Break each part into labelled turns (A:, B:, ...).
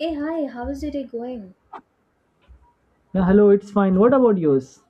A: Hey, hi, how is your day going?
B: Yeah, hello, it's fine. What about yours?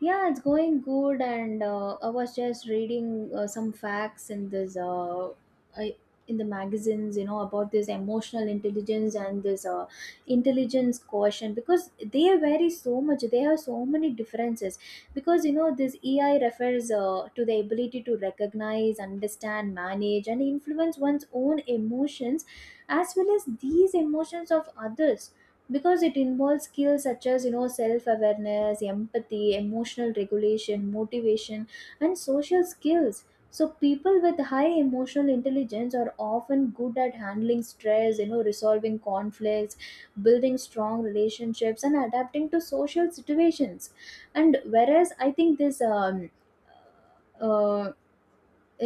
A: Yeah, it's going good, and I was just reading some facts in I, in the magazines, you know, about this emotional intelligence and this intelligence quotient, because they vary so much. They have so many differences, because you know, this EI refers to the ability to recognize, understand, manage, and influence one's own emotions, as well as these emotions of others, because it involves skills such as, you know, self-awareness, empathy, emotional regulation, motivation, and social skills. So people with high emotional intelligence are often good at handling stress, you know, resolving conflicts, building strong relationships, and adapting to social situations. And whereas I think this uh,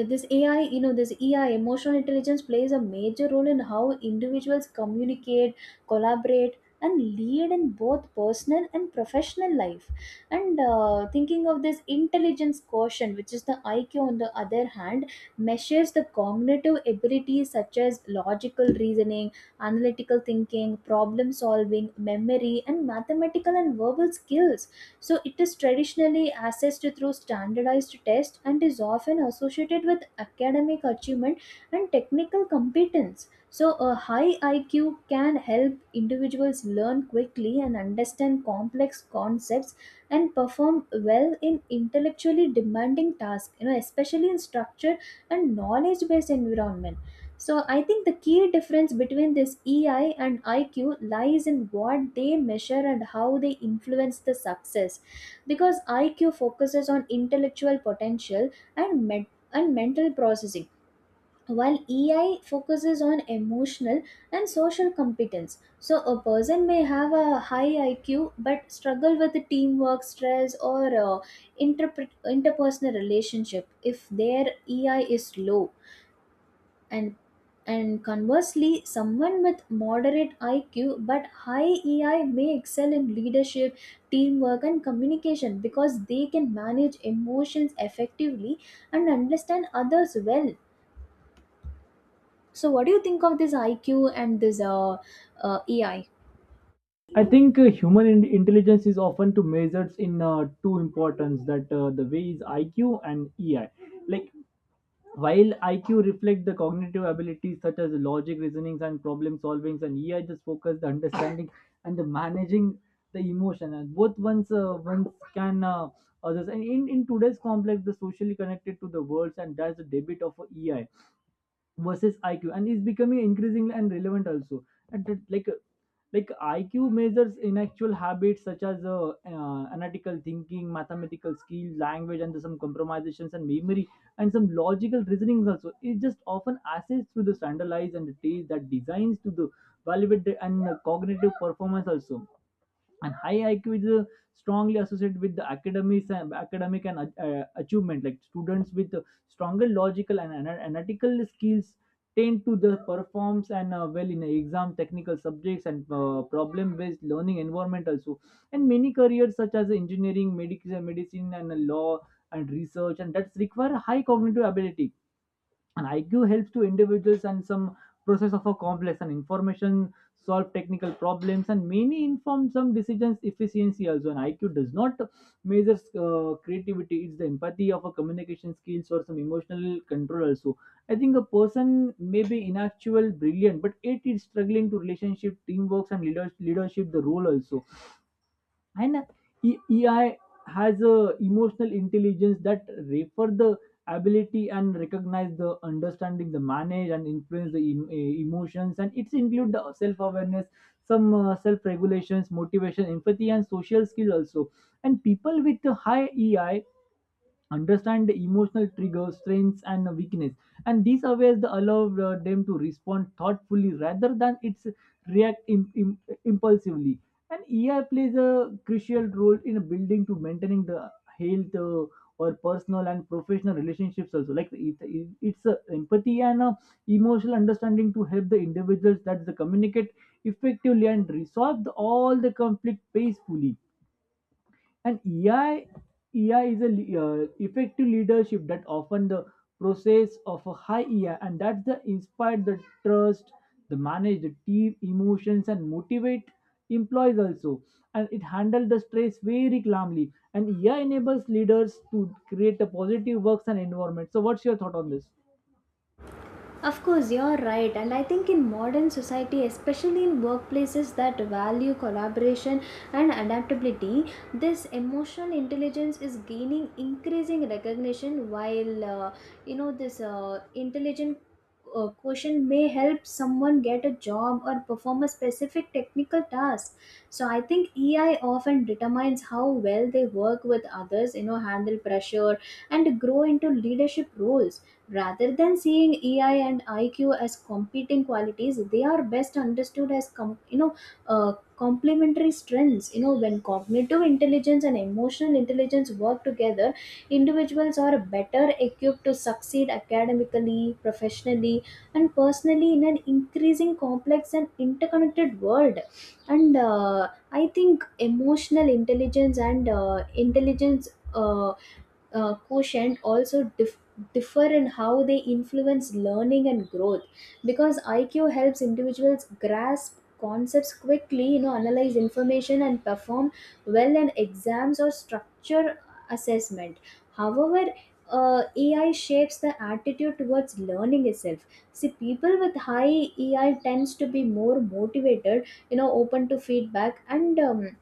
A: this AI, you know, this EI, emotional intelligence, plays a major role in how individuals communicate, collaborate, and lead in both personal and professional life. And thinking of this intelligence quotient, which is the IQ, on the other hand, measures the cognitive abilities such as logical reasoning, analytical thinking, problem solving, memory, and mathematical and verbal skills. So it is traditionally assessed through standardized tests and is often associated with academic achievement and technical competence. So a high IQ can help individuals learn quickly and understand complex concepts and perform well in intellectually demanding tasks, you know, especially in structured and knowledge based environments. So I think the key difference between this EI and IQ lies in what they measure and how they influence the success, because IQ focuses on intellectual potential and med- and mental processing, while EI focuses on emotional and social competence. So a person may have a high IQ but struggle with teamwork, stress, or interpersonal relationship if their EI is low, and and conversely, someone with moderate IQ but high EI may excel in leadership, teamwork, and communication, because they can manage emotions effectively and understand others well. So what do you think of this IQ and this EI?
B: I think human intelligence is often to measured in two importance that the way is IQ and EI. Like while IQ reflect the cognitive abilities such as logic, reasonings, and problem solvings, and EI just focus the understanding and the managing the emotion. And both ones can others. And in today's complex, the socially connected to the worlds, and that's the debit of EI versus IQ, and is becoming increasingly and relevant also. And that, like IQ measures in actual habits such as analytical thinking, mathematical skill, language, and some compromisations and memory, and some logical reasonings also. It just often assessed through the standardized and the tests that designs to the validate the, and cognitive performance also, and high IQ is strongly associated with the academics and academic and achievement, like students with stronger logical and analytical skills tend to the performs and well in exam technical subjects and problem based learning environment also, and many careers such as engineering, medicine and law and research, and that's require high cognitive ability. And IQ helps to individuals and some process of a complex and information, solve technical problems and many inform some decisions efficiency also. And IQ does not measure creativity, it's the empathy of a communication skills or some emotional control also. I think a person may be inactual brilliant, but it is struggling to relationship, teamwork and leadership the role also. And EI has a emotional intelligence that refer the ability and recognize the understanding, the manage and influence the emotions, and it's include the self-awareness, some self-regulations, motivation, empathy and social skill also. And people with the high EI understand the emotional triggers, strengths, and weakness. And these awares the allow them to respond thoughtfully rather than it's react impulsively. And AI plays a crucial role in building to maintaining the health, or personal and professional relationships also. Like it's a empathy and a emotional understanding to help the individuals that they communicate effectively and resolve the, all the conflict peacefully. And EI is a effective leadership that often the process of a high EI, and that's the inspire the trust, the manage the team emotions and motivate employees also. And it handles the stress very calmly. And EI enables leaders to create a positive works and environment. So, what's your thought on this?
A: Of course, you're right, and I think in modern society, especially in workplaces that value collaboration and adaptability, this emotional intelligence is gaining increasing recognition. While you know, this intelligent quotient may help someone get a job or perform a specific technical task. So I think EI often determines how well they work with others, you know, handle pressure, and grow into leadership roles. Rather than seeing EI and IQ as competing qualities, they are best understood as you know, complementary strengths. You know, when cognitive intelligence and emotional intelligence work together, individuals are better equipped to succeed academically, professionally, and personally in an increasing complex and interconnected world. And I think emotional intelligence and intelligence. Uh, quotient also differ in how they influence learning and growth, because IQ helps individuals grasp concepts quickly, you know, analyze information and perform well in exams or structure assessment. However, AI shapes the attitude towards learning itself. See, people with high AI tends to be more motivated, you know, open to feedback, and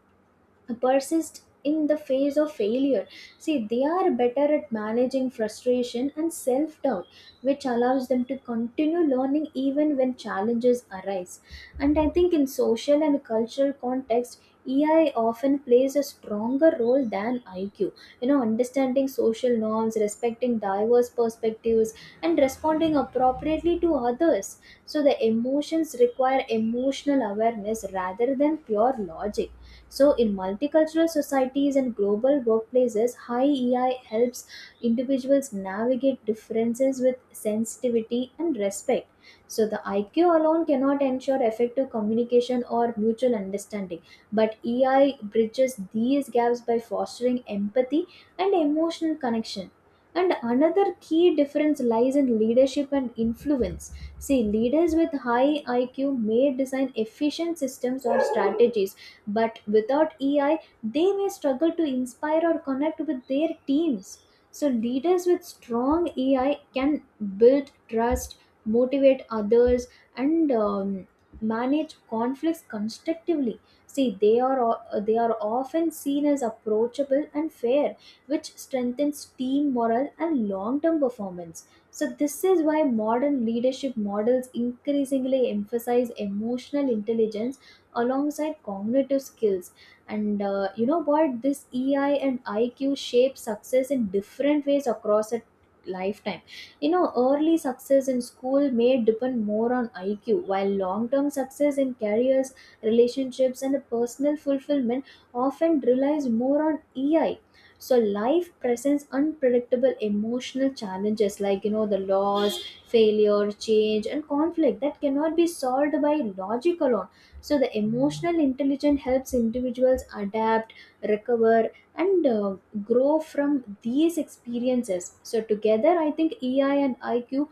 A: persist in the face of failure. See, they are better at managing frustration and self doubt, which allows them to continue learning even when challenges arise. And I think in social and cultural context, EI often plays a stronger role than IQ. You know, understanding social norms, respecting diverse perspectives, and responding appropriately to others. So the emotions require emotional awareness rather than pure logic. So in multicultural societies and global workplaces, high EI helps individuals navigate differences with sensitivity and respect. So the IQ alone cannot ensure effective communication or mutual understanding, but EI bridges these gaps by fostering empathy and emotional connection. And another key difference lies in leadership and influence. See, leaders with high IQ may design efficient systems or strategies, but without EI, they may struggle to inspire or connect with their teams. So leaders with strong EI can build trust, motivate others, and manage conflicts constructively. See, they are often seen as approachable and fair, which strengthens team morale and long-term performance. So this is why modern leadership models increasingly emphasize emotional intelligence alongside cognitive skills. And you know what, this EI and IQ shape success in different ways across a lifetime. You know, early success in school may depend more on IQ, while long term success in careers, relationships, and personal fulfillment often relies more on EI. So life presents unpredictable emotional challenges, like, you know, the loss, failure, change, and conflict that cannot be solved by logic alone. So the emotional intelligence helps individuals adapt, recover, and grow from these experiences. So together, I think EI and IQ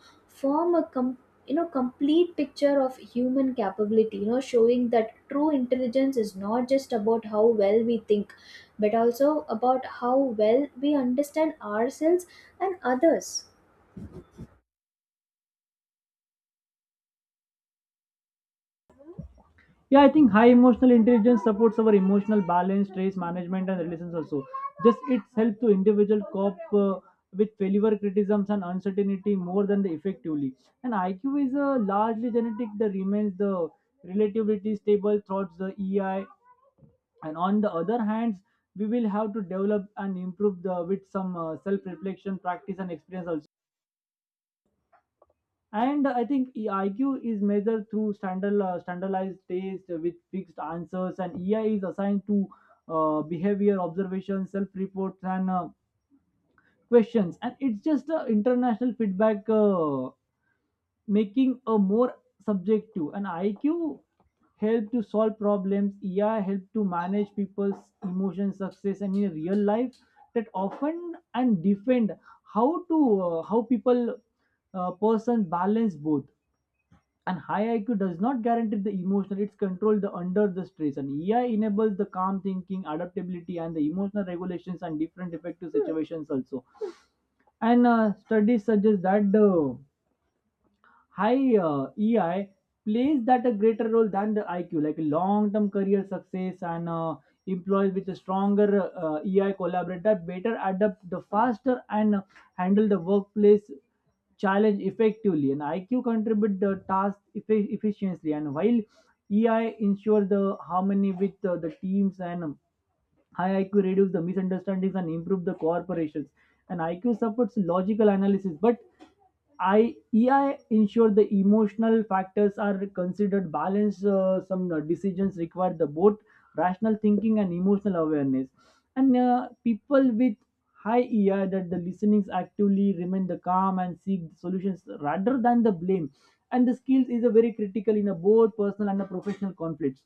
A: form a you know, complete picture of human capability, you know, showing that true intelligence is not just about how well we think, but also about how well we understand ourselves and others.
B: Yeah, I think high emotional intelligence supports our emotional balance, stress management, and relations also. Just its help to individual cope with failure, criticisms, and uncertainty more than the effectively. And IQ is largely genetic. The remains the relatively stable throughout the EI. And on the other hand, we will have to develop and improve the with some self-reflection, practice and experience also. And I think IQ is measured through standardized tests with fixed answers, and EI is assigned to behavior observations, self reports, and questions. And it's just international feedback, making a more subjective. And IQ help to solve problems, EI help to manage people's emotions, success, and in real life that often and defend how to how people person balance both. And high IQ does not guarantee the emotional, it's controlled the under the stress. And EI enables the calm thinking, adaptability, and the emotional regulations and different effective situations also. And studies suggest that the high EI plays that a greater role than the IQ, like long-term career success and employees with a stronger EI collaborate that better adapt the faster and handle the workplace challenge effectively. And IQ contribute the task efficiently, and while EI ensure the harmony with the teams, and high IQ reduces the misunderstandings and improve the cooperations. And IQ supports logical analysis, but I EI ensure the emotional factors are considered balanced. Some decisions require the both rational thinking and emotional awareness. And people with high EI that the listenings actively remain the calm and seek solutions rather than the blame. And the skills is a very critical in a both personal and a professional conflicts.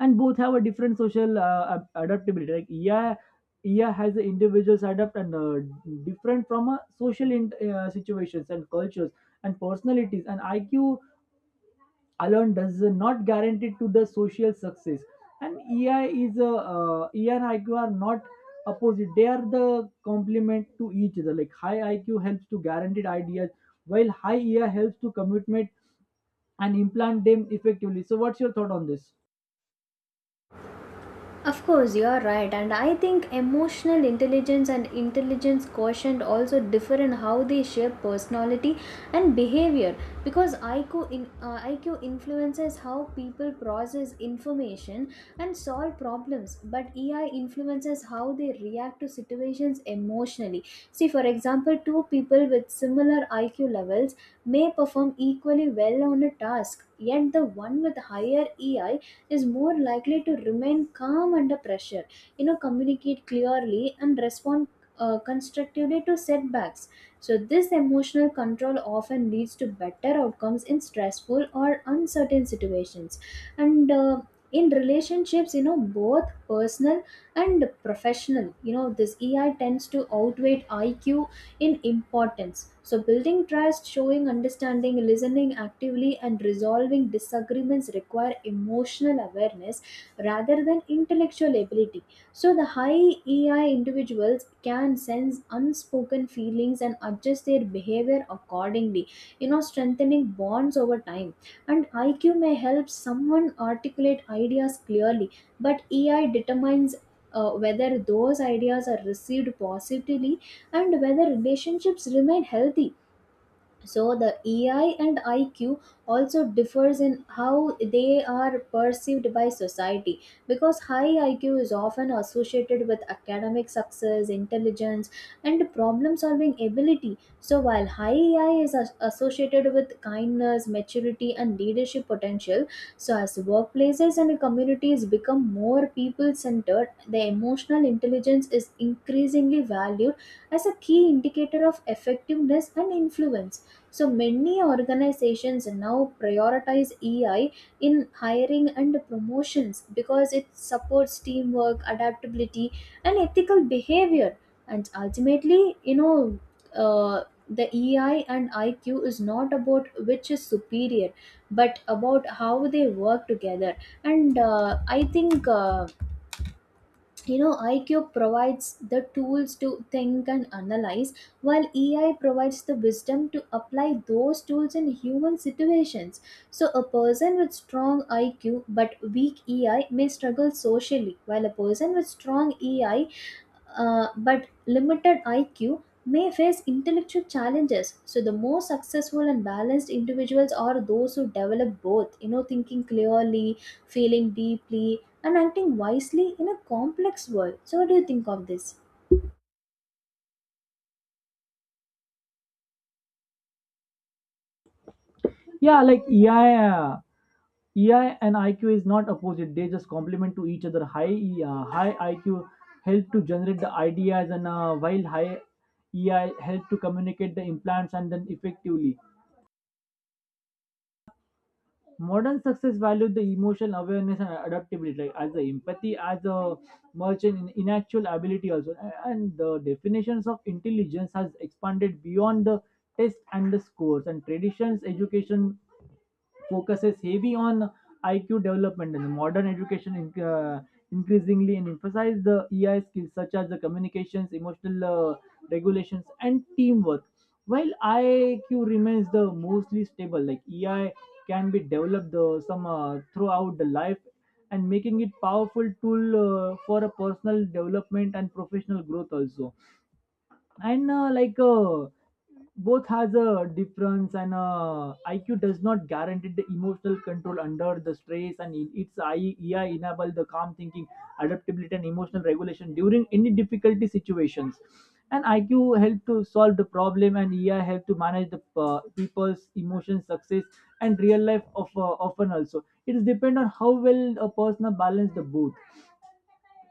B: And both have a different social adaptability, like yeah, yeah has individuals adapt and different from a social, situations and cultures and personalities. And IQ alone does not guarantee to the social success, and EI is a, EI and IQ are not opposite, they are the complement to each other. Like high IQ helps to guaranteed ideas while high EI helps to commitment and implant them effectively. So, what's your thought on this?
A: Of course, you're right, and I think emotional intelligence and intelligence quotient also differ in how they shape personality and behavior, because IQ influences how people process information and solve problems, but EI influences how they react to situations emotionally. See, for example, two people with similar IQ levels may perform equally well on a task, yet the one with higher EI is more likely to remain calm under pressure, you know, communicate clearly, and respond constructively to setbacks. So this emotional control often leads to better outcomes in stressful or uncertain situations. And in relationships, you know, both personal and professional, you know, this EI tends to outweigh IQ in importance. So building trust, showing understanding, listening actively, and resolving disagreements require emotional awareness rather than intellectual ability. So the high EI individuals can sense unspoken feelings and adjust their behavior accordingly, you know, strengthening bonds over time. And IQ may help someone articulate ideas clearly, but EI determines whether those ideas are received positively and whether relationships remain healthy. So the EI and IQ also differs in how they are perceived by society, because high IQ is often associated with academic success, intelligence, and problem solving ability. So while high EI associated with kindness, maturity, and leadership potential. So as workplaces and communities become more people centered, the emotional intelligence is increasingly valued as a key indicator of effectiveness and influence. So many organizations now prioritize EI in hiring and promotions, because it supports teamwork, adaptability, and ethical behavior. And ultimately, you know, the EI and IQ is not about which is superior, but about how they work together. And I think. You know, IQ provides the tools to think and analyze, while EI provides the wisdom to apply those tools in human situations. So a person with strong IQ but weak EI may struggle socially, while a person with strong EI but limited IQ may face intellectual challenges. So the more successful and balanced individuals are those who develop both, you know, thinking clearly, feeling deeply, and acting wisely in a complex world. So what do you think of this?
B: Yeah, like EI and IQ is not opposite; they just complement to each other. High IQ help to generate the ideas, and while high EI help to communicate the implants and then effectively. Modern success value the emotional awareness and adaptability, like as the empathy, as a merchant in actual ability also. And the definitions of intelligence has expanded beyond the test and the scores and traditions education focuses heavy on IQ development. And modern education increasingly and emphasize the EI skills such as the communications, emotional regulations, and teamwork. While IQ remains the mostly stable, like EI can be developed, some throughout the life, and making it powerful tool for a personal development and professional growth also. And both has a difference, and IQ does not guarantee the emotional control under the stress. And in its, AI enable the calm thinking, adaptability and emotional regulation during any difficulty situations. And IQ help to solve the problem, and AI help to manage the people's emotions, success, and real life of often also, it is depend on how well a person balance the both.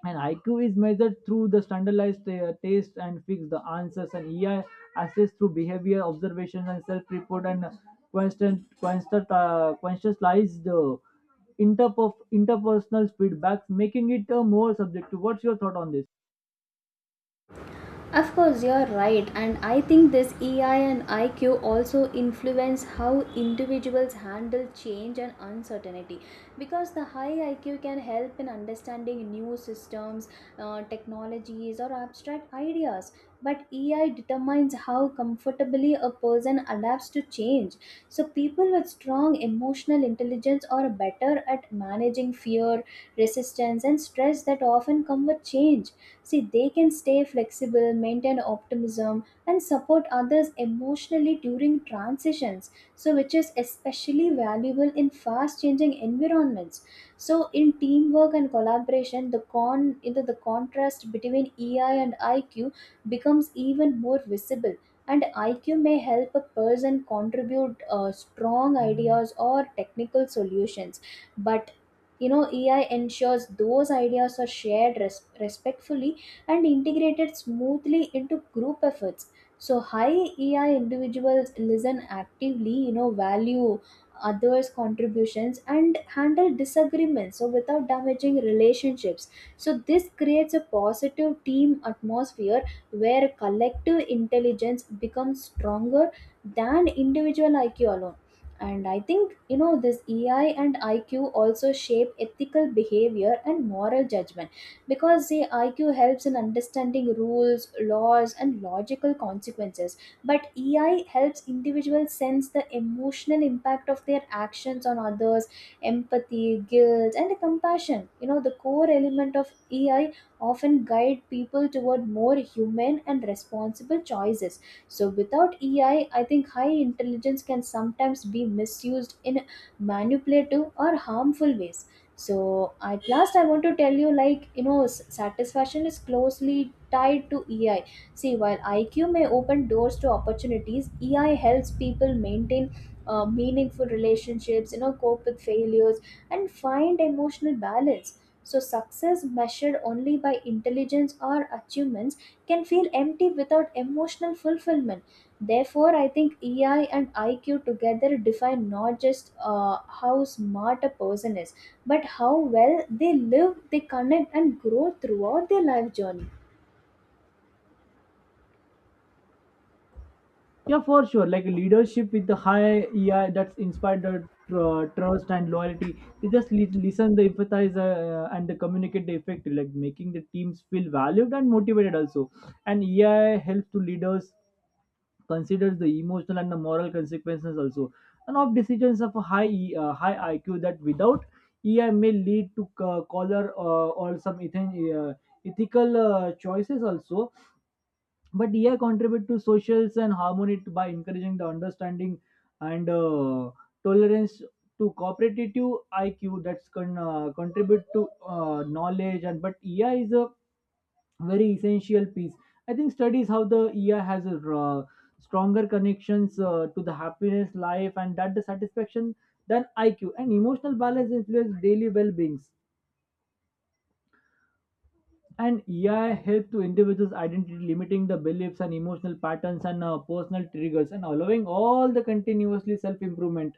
B: And IQ is measured through the standardized tests and fix the answers, and EI assessed through behavior observations and self-report and conscientized, interpersonal feedbacks, making it more subjective. What's your thought on this?
A: Of course, you're right, and I think this EI and IQ also influence how individuals handle change and uncertainty, because the high IQ can help in understanding new systems, technologies, or abstract ideas. But EI determines how comfortably a person adapts to change. So people with strong emotional intelligence are better at managing fear, resistance, and stress that often come with change. See, they can stay flexible, maintain optimism, and support others emotionally during transitions. So, which is especially valuable in fast changing environments. So in teamwork and collaboration, the contrast between EI and IQ becomes even more visible. And IQ may help a person contribute strong ideas or technical solutions. But you know, EI ensures those ideas are shared respectfully and integrated smoothly into group efforts. So high EI individuals listen actively, you know, value others' contributions, and handle disagreements so without damaging relationships. So this creates a positive team atmosphere where collective intelligence becomes stronger than individual IQ alone. And I think, you know, this EI and IQ also shape ethical behavior and moral judgment, because the IQ helps in understanding rules, laws, and logical consequences. But EI helps individuals sense the emotional impact of their actions on others, empathy, guilt, and compassion. You know, the core element of EI often guide people toward more human and responsible choices. So without EI, I think high intelligence can sometimes be misused in manipulative or harmful ways. So at last I want to tell you, like, you know, satisfaction is closely tied to EI. See, while IQ may open doors to opportunities, EI helps people maintain meaningful relationships, you know, cope with failures and find emotional balance. So success measured only by intelligence or achievements can feel empty without emotional fulfillment. Therefore, I think EI and IQ together define not just how smart a person is, but how well they live, they connect and grow throughout their life journey.
B: Yeah, for sure. Like leadership with the high EI that's inspired the trust and loyalty. They just listen, the empathize, and they communicate the effect, like making the teams feel valued and motivated also. And EI helps to leaders consider the emotional and the moral consequences also, and of decisions of a high high IQ that without EI may lead to color, or some ethical choices also. But AI contribute to socials and harmony, by encouraging the understanding and tolerance to cooperative. IQ that's can contribute to knowledge, and but AI is a very essential piece. I think studies how the AI has a stronger connections to the happiness life and that the satisfaction than IQ, and emotional balance influence daily well-beings. And AI help to individuals' identity, limiting the beliefs and emotional patterns and personal triggers, and allowing all the continuously self improvement.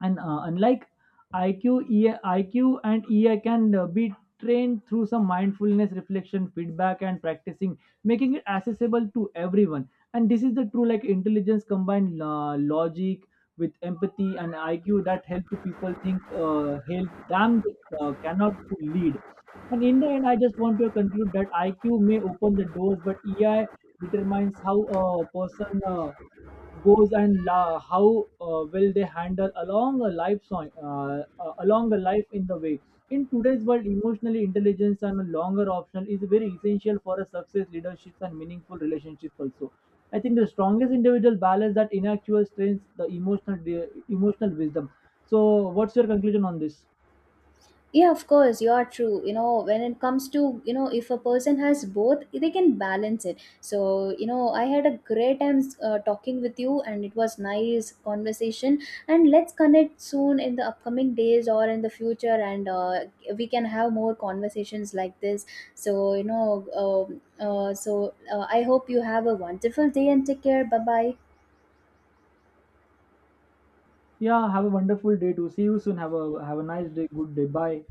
B: And unlike IQ, EI, IQ and EI can be trained through some mindfulness, reflection, feedback, and practicing, making it accessible to everyone. And this is the true, like intelligence combined logic with empathy, and IQ that help to people think, help them cannot to lead. And in the end, I just want to conclude that IQ may open the doors, but EI determines how a person, goes and how will they handle along a life song, along a life in the way. In today's world, emotionally intelligence and a longer option is very essential for a success, leaderships and meaningful relationships also. I think the strongest individual balance that intellectual strength, the emotional emotional wisdom. So, what's your conclusion on this?
A: Yeah, of course, you are true. You know, when it comes to, you know, if a person has both, they can balance it. So, you know, I had a great time talking with you, and it was nice conversation. And let's connect soon in the upcoming days or in the future, and we can have more conversations like this. So, you know, I hope you have a wonderful day and take care. Bye bye.
B: Yeah, have a wonderful day too. See you soon. Have a nice day. Good day. Bye.